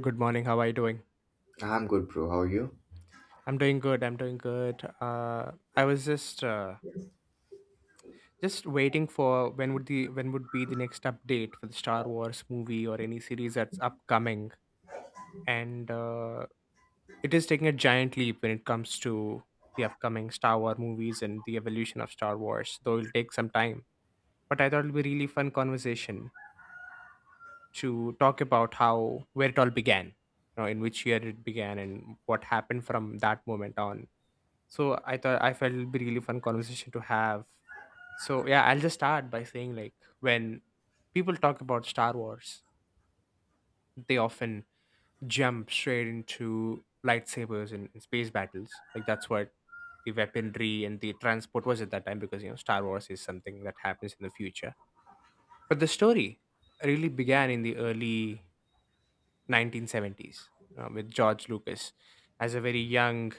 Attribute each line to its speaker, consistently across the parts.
Speaker 1: Good morning. How are you doing?
Speaker 2: I'm good, bro. How are you?
Speaker 1: I'm doing good. I'm doing good. I was just waiting for when would be the next update for the Star Wars movie or any series that's upcoming, and it is taking a giant leap when it comes to the upcoming Star Wars movies and the evolution of Star Wars. Though it'll take some time, but I thought it'll be really fun conversation to talk about how where it all began, in which year it began, and what happened from that moment on. So I felt it'd be really fun conversation to have. So yeah, I'll just start by saying like when people talk about Star Wars, they often jump straight into lightsabers and space battles. Like that's what the weaponry and the transport was at that time because Star Wars is something that happens in the future. But the story really began in the early 1970s with George Lucas as a very young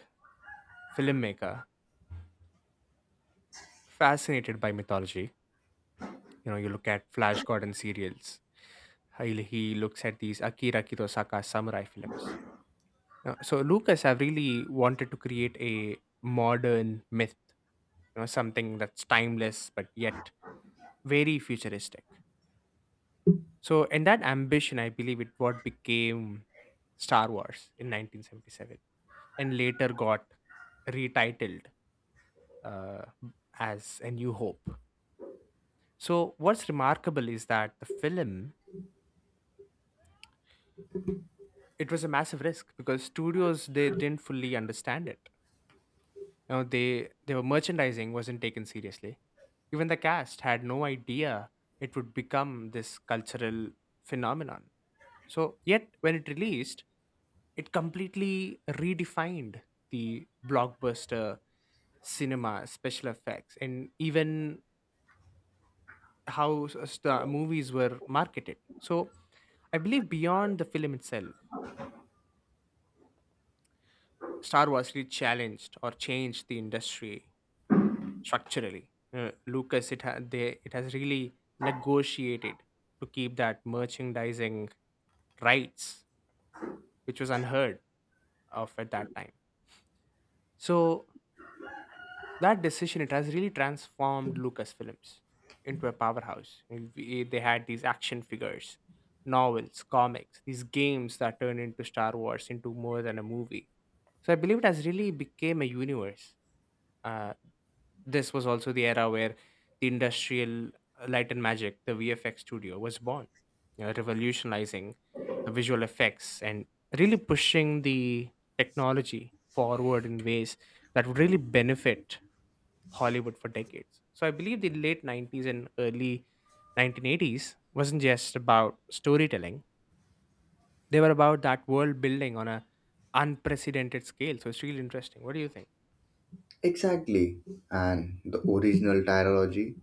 Speaker 1: filmmaker fascinated by mythology. You know, you look at Flash Gordon serials. He looks at these Akira Kurosawa samurai films. So Lucas have really wanted to create a modern myth, something that's timeless but yet very futuristic. So in that ambition, I believe it what became Star Wars in 1977 and later got retitled uh, as A New Hope. So, what's remarkable is that the film it was a massive risk because studios they didn't fully understand it. You know, they were merchandising wasn't taken seriously. Even the cast had no idea it would become this cultural phenomenon. So yet when it released, it completely redefined the blockbuster cinema special effects and even how the movies were marketed. So I believe beyond the film itself Star Wars really challenged or changed the industry structurally. Lucas, it has really negotiated to keep that merchandising rights, which was unheard of at that time. So that decision, it has really transformed Lucasfilms into a powerhouse. They had these action figures, novels, comics, these games that turned into Star Wars into more than a movie. So I believe it has really became a universe. uh, This was also the era where the industrial light and magic, the VFX studio, was born, you know, revolutionizing the visual effects and really pushing the technology forward in ways that would really benefit Hollywood for decades. So I believe the late 90s and early 1980s wasn't just about storytelling, they were about that world building on a unprecedented scale. So it's really interesting. What do you think?
Speaker 2: Exactly. And the original trilogy,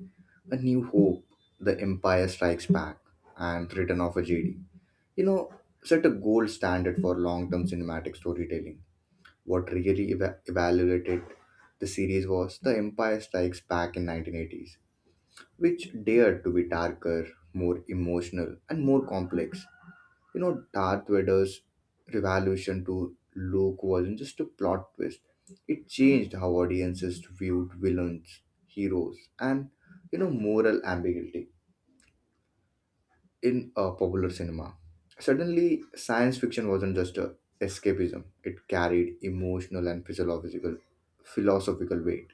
Speaker 2: A New Hope, The Empire Strikes Back, and Return of a Jedi. You know, set a gold standard for long-term cinematic storytelling. What really evaluated the series was The Empire Strikes Back in 1980s, which dared to be darker, more emotional, and more complex. Darth Vader's revolution to Luke wasn't just a plot twist. It changed how audiences viewed villains, heroes, and moral ambiguity in popular cinema. Suddenly, science fiction wasn't just a escapism; it carried emotional and physiological, philosophical weight.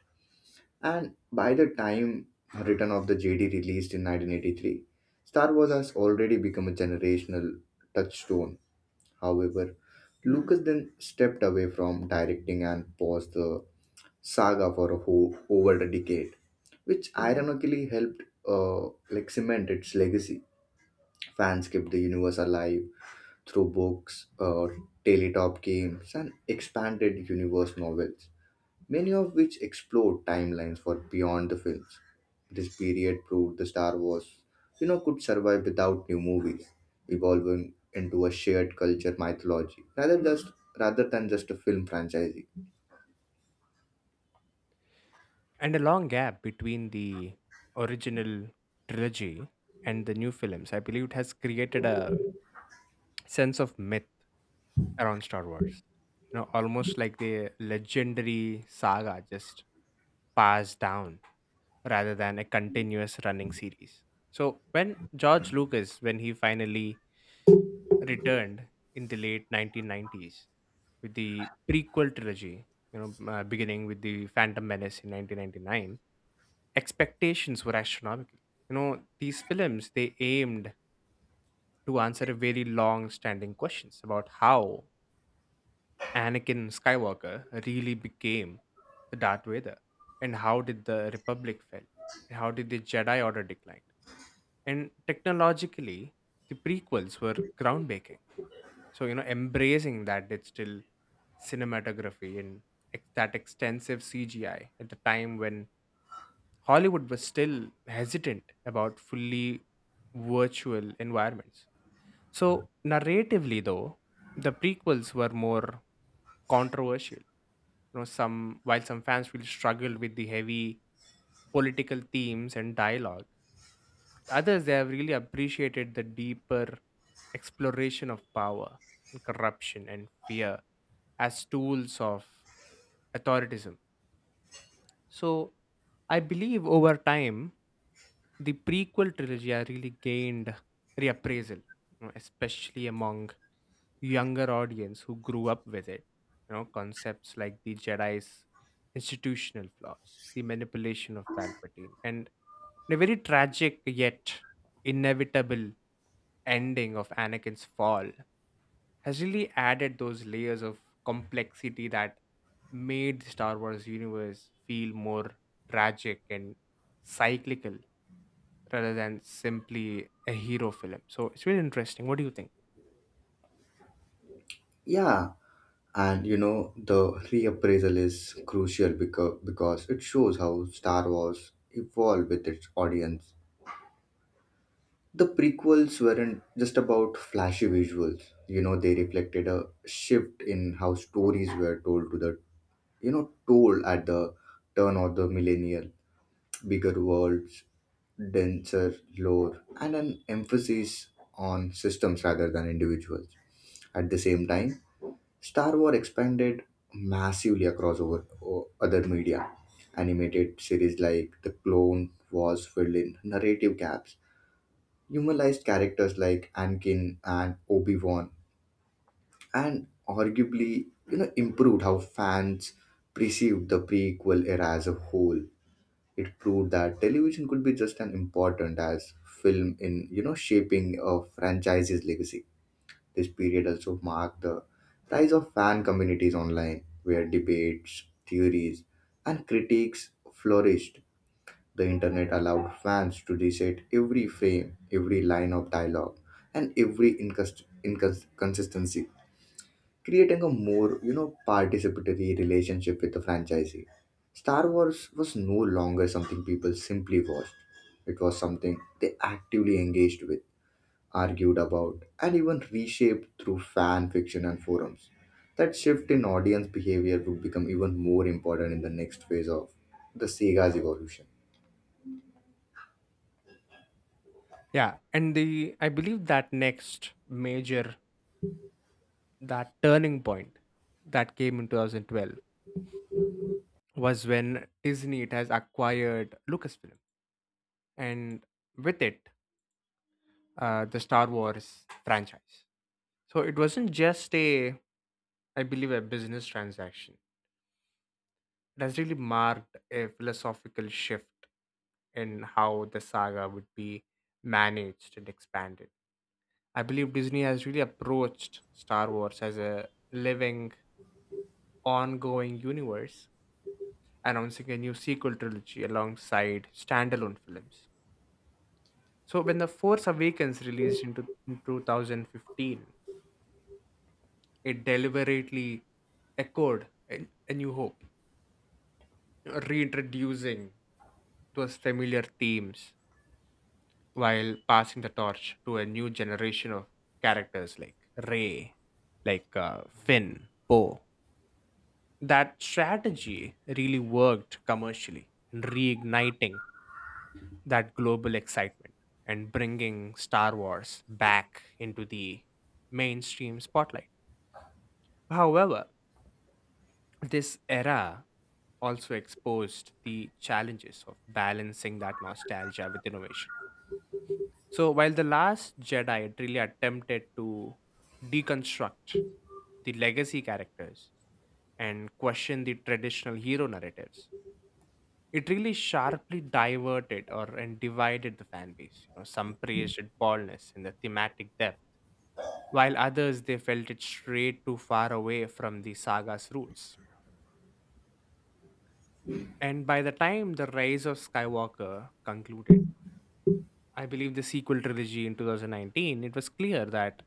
Speaker 2: And by the time Return of the Jedi released in 1983, Star Wars has already become a generational touchstone. However, Lucas then stepped away from directing and paused the saga for a whole over a decade, which ironically helped like cement its legacy. Fans kept the universe alive through books, Teletop games, and expanded universe novels, many of which explore timelines for beyond the films. This period proved the Star Wars, could survive without new movies, evolving into a shared culture mythology rather than just a film franchise.
Speaker 1: And a long gap between the original trilogy and the new films I believe it has created a sense of myth around Star Wars, you know, almost like the legendary saga just passed down rather than a continuous running series. So when George Lucas when he finally returned in the late 1990s with the prequel trilogy, beginning with the Phantom Menace in 1999, expectations were astronomical. You know, these films they aimed to answer a very long-standing questions about how Anakin Skywalker really became the Darth Vader, and how did the Republic fail, and how did the Jedi Order decline. And technologically, the prequels were groundbreaking, so embracing that digital cinematography and that extensive CGI at the time when Hollywood was still hesitant about fully virtual environments. So narratively though, the prequels were more controversial. You know, some while some fans will struggle with the heavy political themes and dialogue, others they have really appreciated the deeper exploration of power and corruption and fear as tools of authoritism. So I believe over time the prequel trilogy has really gained reappraisal, you know, especially among younger audience who grew up with it. You know, concepts like the Jedi's institutional flaws, the manipulation of Palpatine, and a very tragic yet inevitable ending of Anakin's fall has really added those layers of complexity that made the Star Wars universe feel more tragic and cyclical rather than simply a hero film. So it's really interesting. What do you think?
Speaker 2: Yeah, and you know the reappraisal is crucial because it shows how Star Wars evolved with its audience. The prequels weren't just about flashy visuals. You know, they reflected a shift in how stories were told to the, toll at the turn of the millennial. Bigger worlds, denser lore, and an emphasis on systems rather than individuals. At the same time, Star Wars expanded massively across over other media. Animated series like The Clone Wars filled in narrative gaps, humanized characters like Anakin and Obi-Wan, and arguably, improved how fans perceived the prequel era as a whole. It proved that television could be just as important as film in, shaping a franchise's legacy. This period also marked the rise of fan communities online, where debates, theories, and critiques flourished. The internet allowed fans to reset every frame, every line of dialogue, and every inconsistency, creating a more, participatory relationship with the franchisee. Star Wars was no longer something people simply watched. It was something they actively engaged with, argued about, and even reshaped through fan fiction and forums. That shift in audience behavior would become even more important in the next phase of the sega's evolution.
Speaker 1: Yeah, and the I believe that next major that turning point that came in 2012 was when Disney it has acquired Lucasfilm and with it the Star Wars franchise. So it wasn't just a I believe a business transaction. It has really marked a philosophical shift in how the saga would be managed and expanded. I believe Disney has really approached Star Wars as a living ongoing universe, announcing a new sequel trilogy alongside standalone films. So, when The Force Awakens released in 2015, it deliberately echoed A New Hope, reintroducing those familiar themes while passing the torch to a new generation of characters like Ray, Finn, Poe. That strategy really worked commercially, in reigniting that global excitement and bringing Star Wars back into the mainstream spotlight. However, this era also exposed the challenges of balancing that nostalgia with innovation. So, while The Last Jedi really attempted to deconstruct the legacy characters and question the traditional hero narratives, it really sharply diverted or and divided the fan base. You know, some praised its boldness and the thematic depth, while others they felt it strayed too far away from the saga's roots. And by the time the rise of Skywalker concluded, I believe, the sequel trilogy in 2019, it was clear that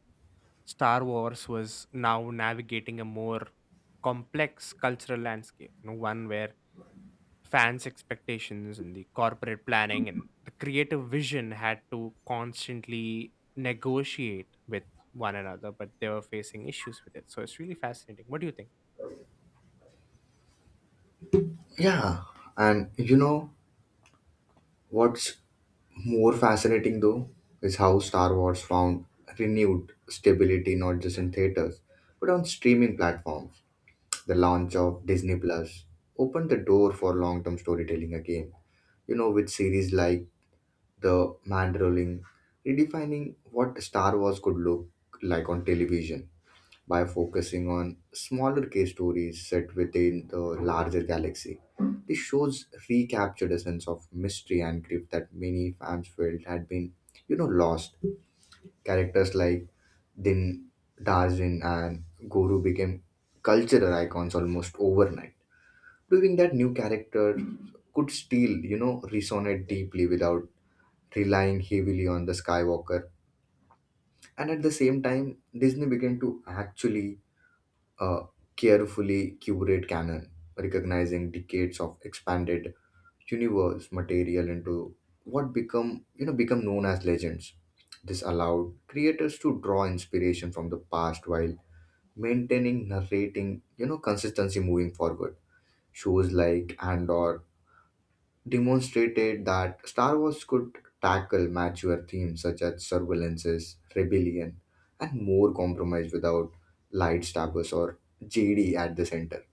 Speaker 1: Star Wars was now navigating a more complex cultural landscape, you know, one where fans' expectations and the corporate planning and the creative vision had to constantly negotiate with one another, but they were facing issues with it. So it's really fascinating. What do you think?
Speaker 2: Yeah, and you know, what's more fascinating though is how Star Wars found renewed stability not just in theaters but on streaming platforms. The launch of Disney Plus opened the door for long-term storytelling again. You know, with series like The Mandalorian redefining what Star Wars could look like on television by focusing on smaller case stories set within the larger galaxy. This shows recaptured a sense of mystery and grief that many fans felt had been, lost. Characters like Din Darzin and Guru became cultural icons almost overnight, proving that new characters could still, resonate deeply without relying heavily on the Skywalker. And at the same time, Disney began to actually a carefully curated canon, recognizing decades of expanded universe material into what become known as legends. This allowed creators to draw inspiration from the past while maintaining narrating, consistency moving forward. Shows like Andor demonstrated that Star Wars could tackle mature themes such as surveillances, rebellion, and more compromise without lightsabers or JD at the center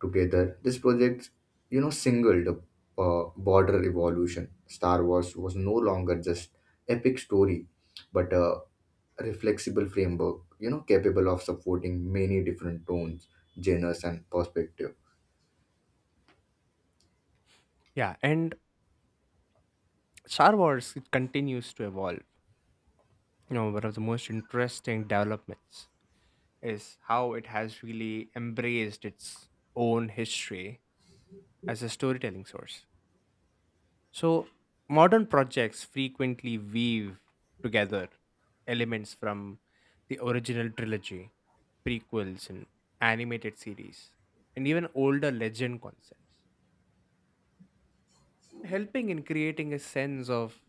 Speaker 2: together. This project, singled the border evolution. Star Wars was no longer just epic story, but a reflexible framework, capable of supporting many different tones, genres, and perspective.
Speaker 1: Yeah, and Star Wars it continues to evolve. You know, one of the most interesting developments is how it has really embraced its own history as a storytelling source. So, modern projects frequently weave together elements from the original trilogy, prequels, and animated series, and even older legend concepts, helping in creating a sense of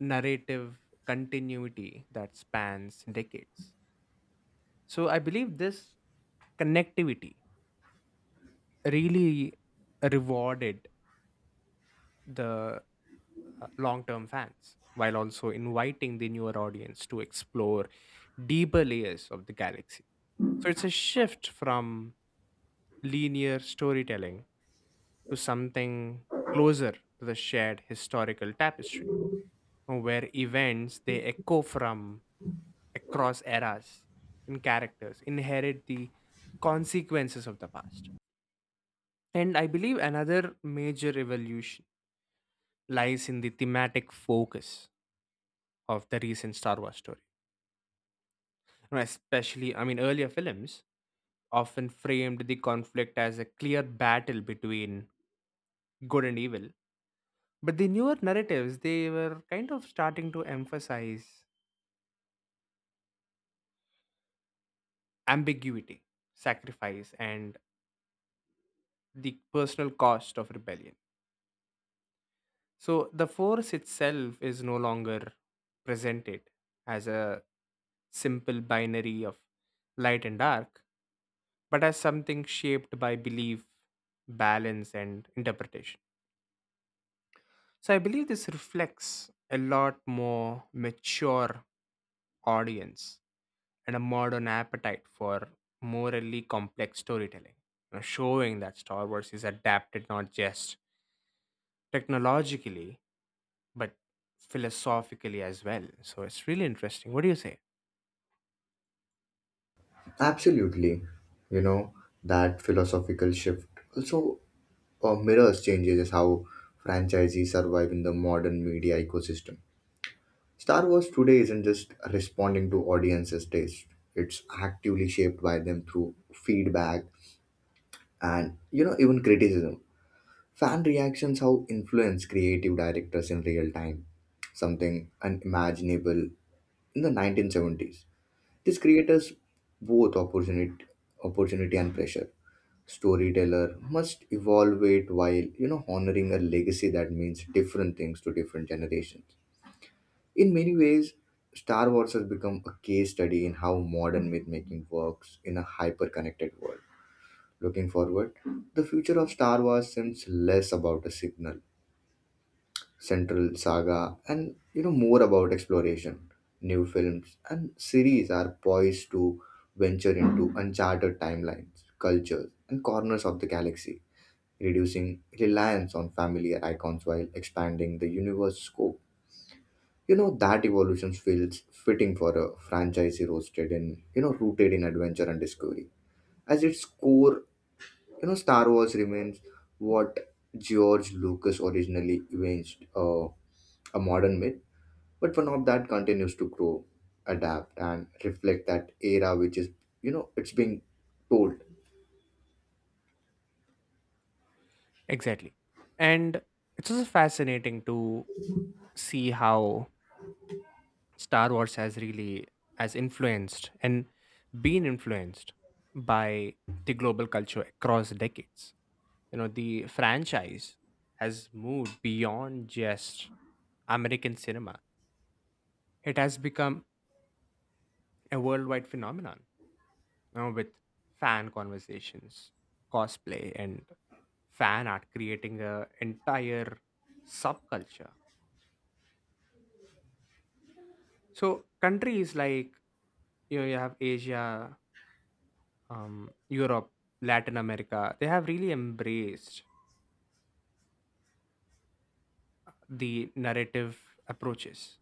Speaker 1: narrative continuity that spans decades. So, I believe this connectivity really rewarded the long-term fans while also inviting the newer audience to explore deeper layers of the galaxy. So it's a shift from linear storytelling to something closer to the shared historical tapestry, where events they echo from across eras and characters inherit the consequences of the past. And I believe another major evolution lies in the thematic focus of the recent Star Wars story. You know, especially, I mean, earlier films often framed the conflict as a clear battle between good and evil. But the newer narratives, they were kind of starting to emphasize ambiguity, sacrifice, and the personal cost of rebellion. So the force itself is no longer presented as a simple binary of light and dark, but as something shaped by belief, balance, and interpretation. So I believe this reflects a lot more mature audience and a modern appetite for morally complex storytelling, showing that Star Wars is adapted not just technologically but philosophically as well. So it's really interesting. What do you say?
Speaker 2: Absolutely, you know, that philosophical shift also mirrors changes how franchisees survive in the modern media ecosystem. Star Wars today isn't just responding to audiences' taste. It's actively shaped by them through feedback and, even criticism. Fan reactions how influence creative directors in real time. Something unimaginable in the 1970s. This creators both opportunity and pressure. Storyteller must evolve it while, honoring a legacy that means different things to different generations. In many ways, Star Wars has become a case study in how modern myth making works in a hyper connected world. Looking forward, the future of Star Wars seems less about a signal, central saga, and, more about exploration. New films and series are poised to venture into uncharted timelines, cultures, and corners of the galaxy, reducing reliance on familiar icons while expanding the universe scope. You know, that evolution feels fitting for a franchise roasted in, rooted in adventure and discovery. As its core, Star Wars remains what George Lucas originally evinced, a modern myth, but one of that continues to grow, adapt, and reflect that era which is, it's being told.
Speaker 1: Exactly. And it's also fascinating to see how Star Wars has influenced and been influenced by the global culture across decades. You know, the franchise has moved beyond just American cinema. It has become a worldwide phenomenon, you know, with fan conversations, cosplay, and fan art creating a entire subculture. So countries like you have Asia, Europe, Latin America, they have really embraced the narrative approaches.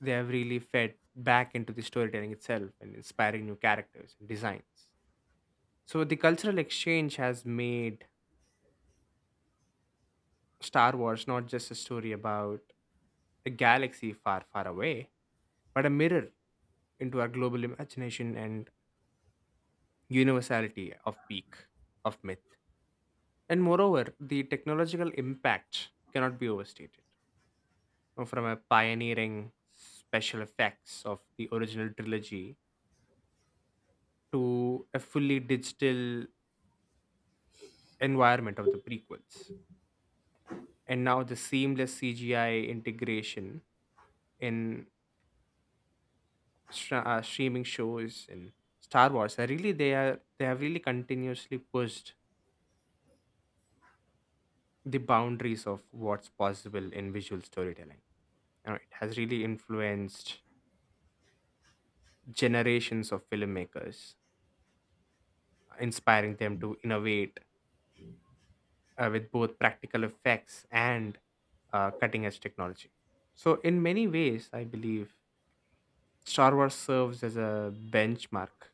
Speaker 1: They have really fed back into the storytelling itself and inspiring new characters and designs. So the cultural exchange has made Star Wars not just a story about a galaxy far, far away, but a mirror into our global imagination and universality of peak, of myth. And moreover, the technological impact cannot be overstated know, from a pioneering special effects of the original trilogy to a fully digital environment of the prequels. And now the seamless CGI integration in streaming shows in Star Wars are really they are they have really continuously pushed the boundaries of what's possible in visual storytelling. You know, it has really influenced generations of filmmakers, inspiring them to innovate with both practical effects and cutting edge technology. So, in many ways, I believe Star Wars serves as a benchmark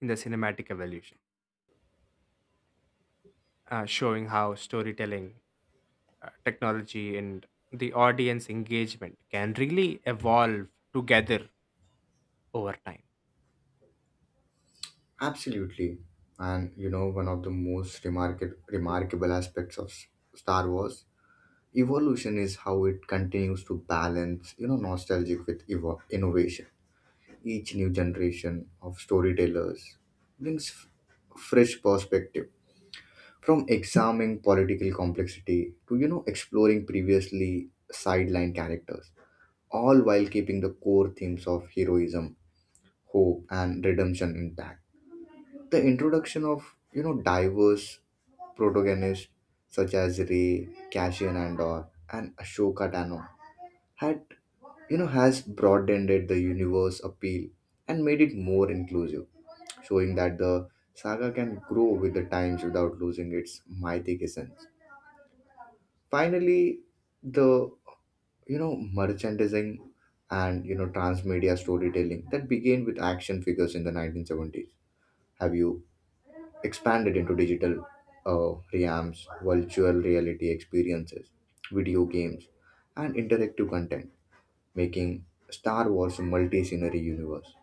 Speaker 1: in the cinematic evolution, showing how storytelling, technology, and the audience engagement can really evolve together over time.
Speaker 2: Absolutely. And you know, one of the most remarkable aspects of Star Wars evolution is how it continues to balance, nostalgic with innovation. Each new generation of storytellers brings fresh perspective, from examining political complexity to, exploring previously sidelined characters, all while keeping the core themes of heroism, hope, and redemption intact. The introduction of, diverse protagonists such as Rey, Cassian Andor, and Ashoka Tano had, has broadened the universe appeal and made it more inclusive, showing that the saga can grow with the times without losing its mythic essence. Finally, the, you know merchandising and, transmedia storytelling that began with action figures in the 1970s have you expanded into digital realms, virtual reality experiences, video games, and interactive content, making Star Wars a multi-scenery universe.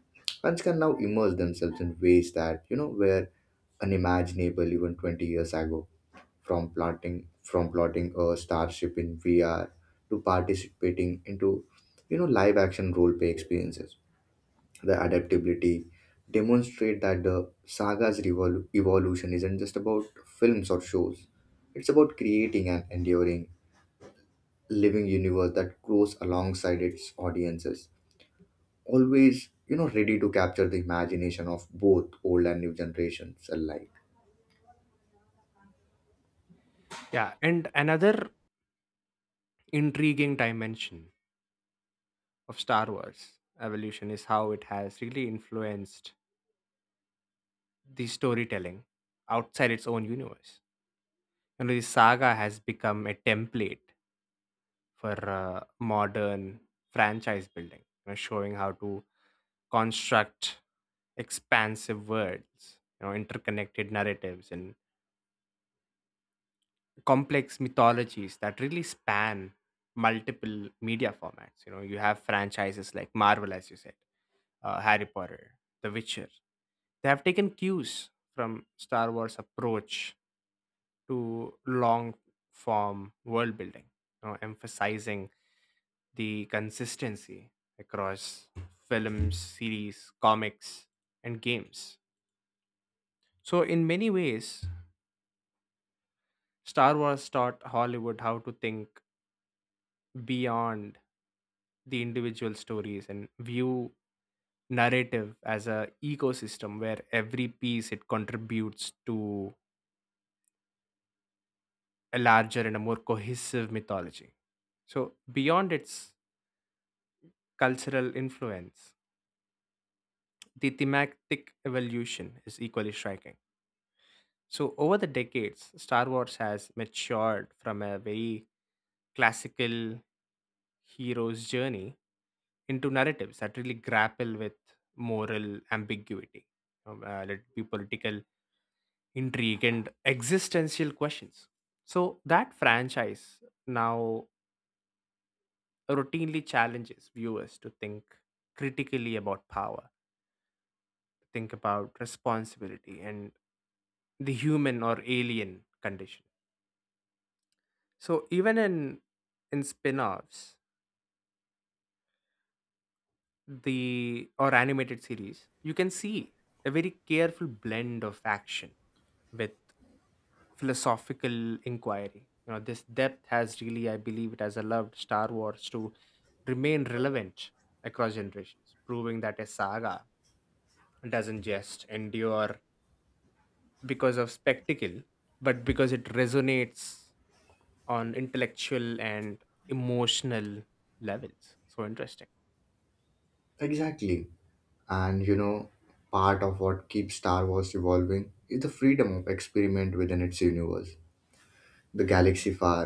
Speaker 2: Fans can now immerse themselves in ways that, were unimaginable even 20 years ago. From plotting a starship in VR to participating into, live-action role-play experiences. The adaptability demonstrate that the saga's evolution isn't just about films or shows. It's about creating an enduring, living universe that grows alongside its audiences, always, ready to capture the imagination of both old and new generations alike.
Speaker 1: Yeah, and another intriguing dimension of Star Wars evolution is how it has really influenced the storytelling outside its own universe. You know, the saga has become a template for modern franchise building, showing how to construct expansive worlds, interconnected narratives and complex mythologies that really span multiple media formats. You know, you have franchises like Marvel, as you said, Harry Potter, The Witcher. They have taken cues from Star Wars' approach to long form world building, emphasizing the consistency across films, series, comics, and games. So, in many ways, Star Wars taught Hollywood how to think beyond the individual stories and view narrative as a ecosystem where every piece it contributes to a larger and a more cohesive mythology. So beyond its cultural influence, the thematic evolution is equally striking. So, over the decades, Star Wars has matured from a very classical hero's journey into narratives that really grapple with moral ambiguity, let it be political intrigue, and existential questions. So, that franchise now routinely challenges viewers to think critically about power, think about responsibility and the human or alien condition. So even in spin-offs, the or animated series, you can see a very careful blend of action with philosophical inquiry. You know, this depth has really, I believe, it has allowed Star Wars to remain relevant across generations, proving that a saga doesn't just endure because of spectacle, but because it resonates on intellectual and emotional levels. So interesting.
Speaker 2: Exactly, and you know, part of what keeps Star Wars evolving is the freedom of experiment within its universe. The galaxy far,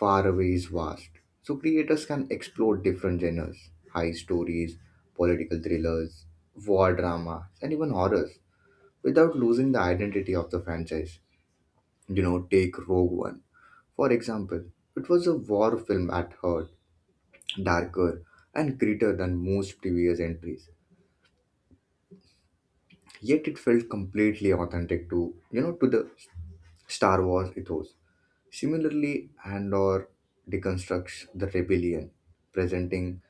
Speaker 2: far away is vast, so creators can explore different genres, high stories, political thrillers, war drama, and even horrors without losing the identity of the franchise. You know, take Rogue One. For example, it was a war film at heart, darker and grittier than most previous entries. Yet it felt completely authentic to, to the Star Wars ethos. Similarly, Andor deconstructs the rebellion, presenting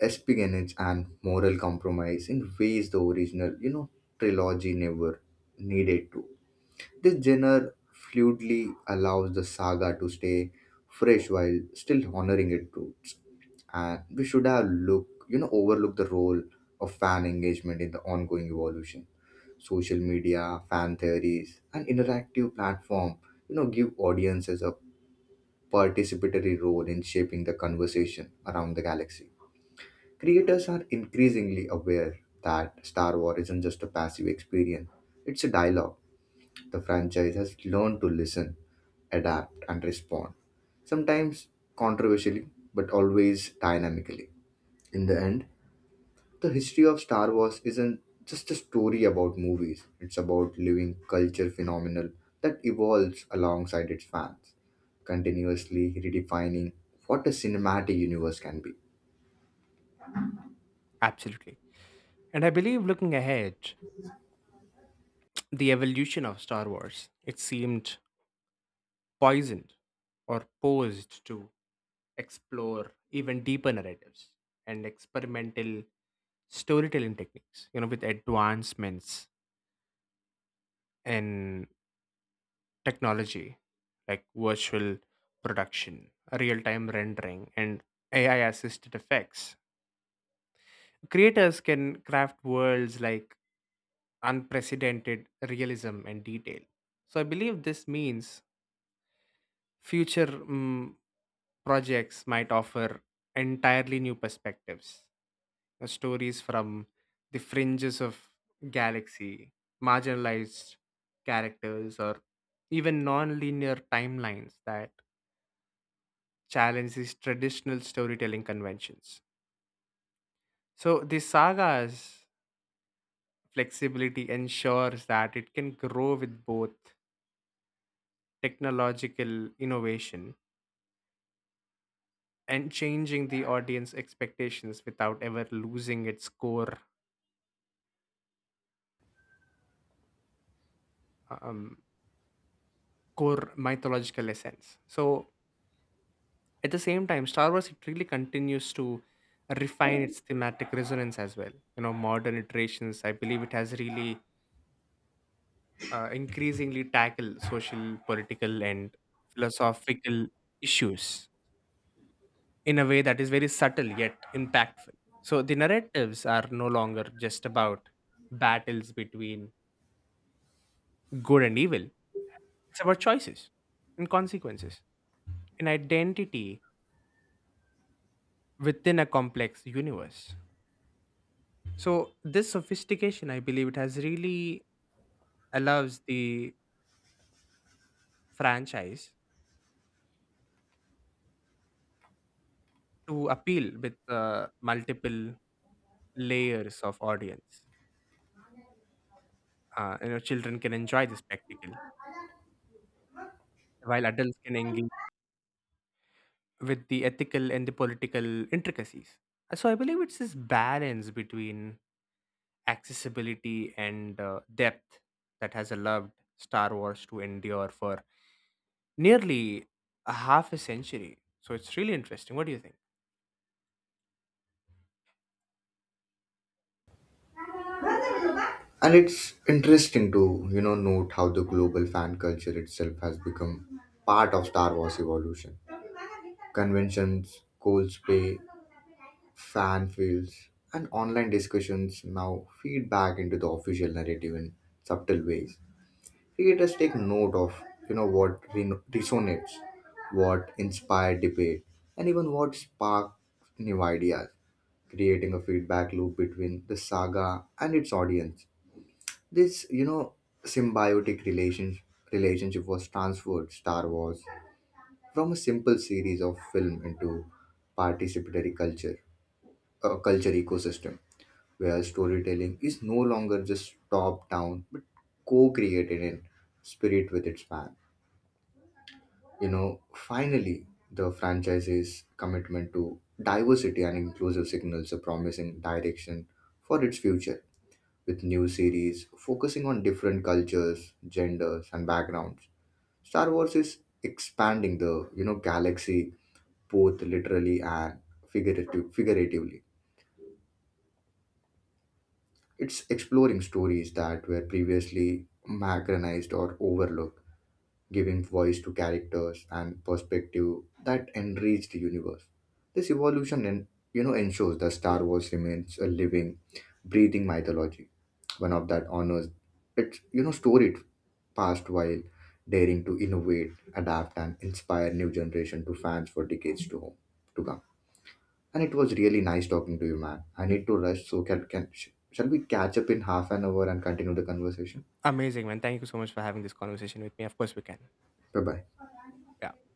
Speaker 2: espionage and moral compromise in ways the original, trilogy never needed to. This genre fluidly allows the saga to stay fresh while still honoring its roots. And we should have look, overlook the role of fan engagement in the ongoing evolution. Social media, fan theories, and interactive platform, give audiences a participatory role in shaping the conversation around the galaxy. Creators are increasingly aware that Star Wars isn't just a passive experience, it's a dialogue. The franchise has learned to listen, adapt, and respond, sometimes controversially, but always dynamically. In the end, the history of Star Wars isn't just a story about movies, it's about living culture phenomenal that evolves alongside its fans, continuously redefining what a cinematic universe can be.
Speaker 1: Absolutely. And I believe looking ahead, the evolution of Star Wars, it seemed poisoned or posed to explore even deeper narratives and experimental storytelling techniques, you know, with advancements in technology like virtual production, real time rendering, and AI assisted effects. Creators can craft worlds like unprecedented realism and detail. So I believe this means future projects might offer entirely new perspectives. Stories from the fringes of galaxy, marginalized characters, or even non-linear timelines that challenges traditional storytelling conventions. So the saga's flexibility ensures that it can grow with both technological innovation and changing the audience expectations without ever losing its core um, core mythological essence. So at the same time, Star Wars it really continues to refine its thematic resonance as well. You know, modern iterations, I believe it has really increasingly tackle social, political, and philosophical issues in a way that is very subtle yet impactful. So the narratives are no longer just about battles between good and evil, it's about choices and consequences, an identity within a complex universe. So this sophistication, I believe, it has really allows the franchise to appeal with multiple layers of audience, you know, children can enjoy the spectacle while adults can engage with the ethical and the political intricacies. So I believe it's this balance between accessibility and depth that has allowed Star Wars to endure for nearly a half a century. So it's really interesting. What do you think?
Speaker 2: And it's interesting to, note how the global fan culture itself has become part of Star Wars evolution. Conventions, Cold's fan fields, and online discussions now feed back into the official narrative in subtle ways. Creators take note of, what resonates, what inspired debate, and even what sparked new ideas, creating a feedback loop between the saga and its audience. This, symbiotic relationship was transferred Star Wars from a simple series of film into participatory culture, a culture ecosystem where storytelling is no longer just top down, but co created in spirit with its fan. You know, finally, the franchise's commitment to diversity and inclusive signals a promising direction for its future, with new series focusing on different cultures, genders, and backgrounds. Star Wars is expanding the, galaxy both literally and figuratively. It's exploring stories that were previously marginalized or overlooked, giving voice to characters and perspective that enrich the universe. This evolution and, ensures that Star Wars remains a living, breathing mythology, one of that honors its, storied past while daring to innovate, adapt, and inspire new generation to fans for decades to come. And it was really nice talking to you, man. I need to rush, so shall we catch up in half an hour and continue the conversation?
Speaker 1: Amazing, man. Thank you so much for having this conversation with me. Of course we can.
Speaker 2: Bye bye.
Speaker 1: Yeah.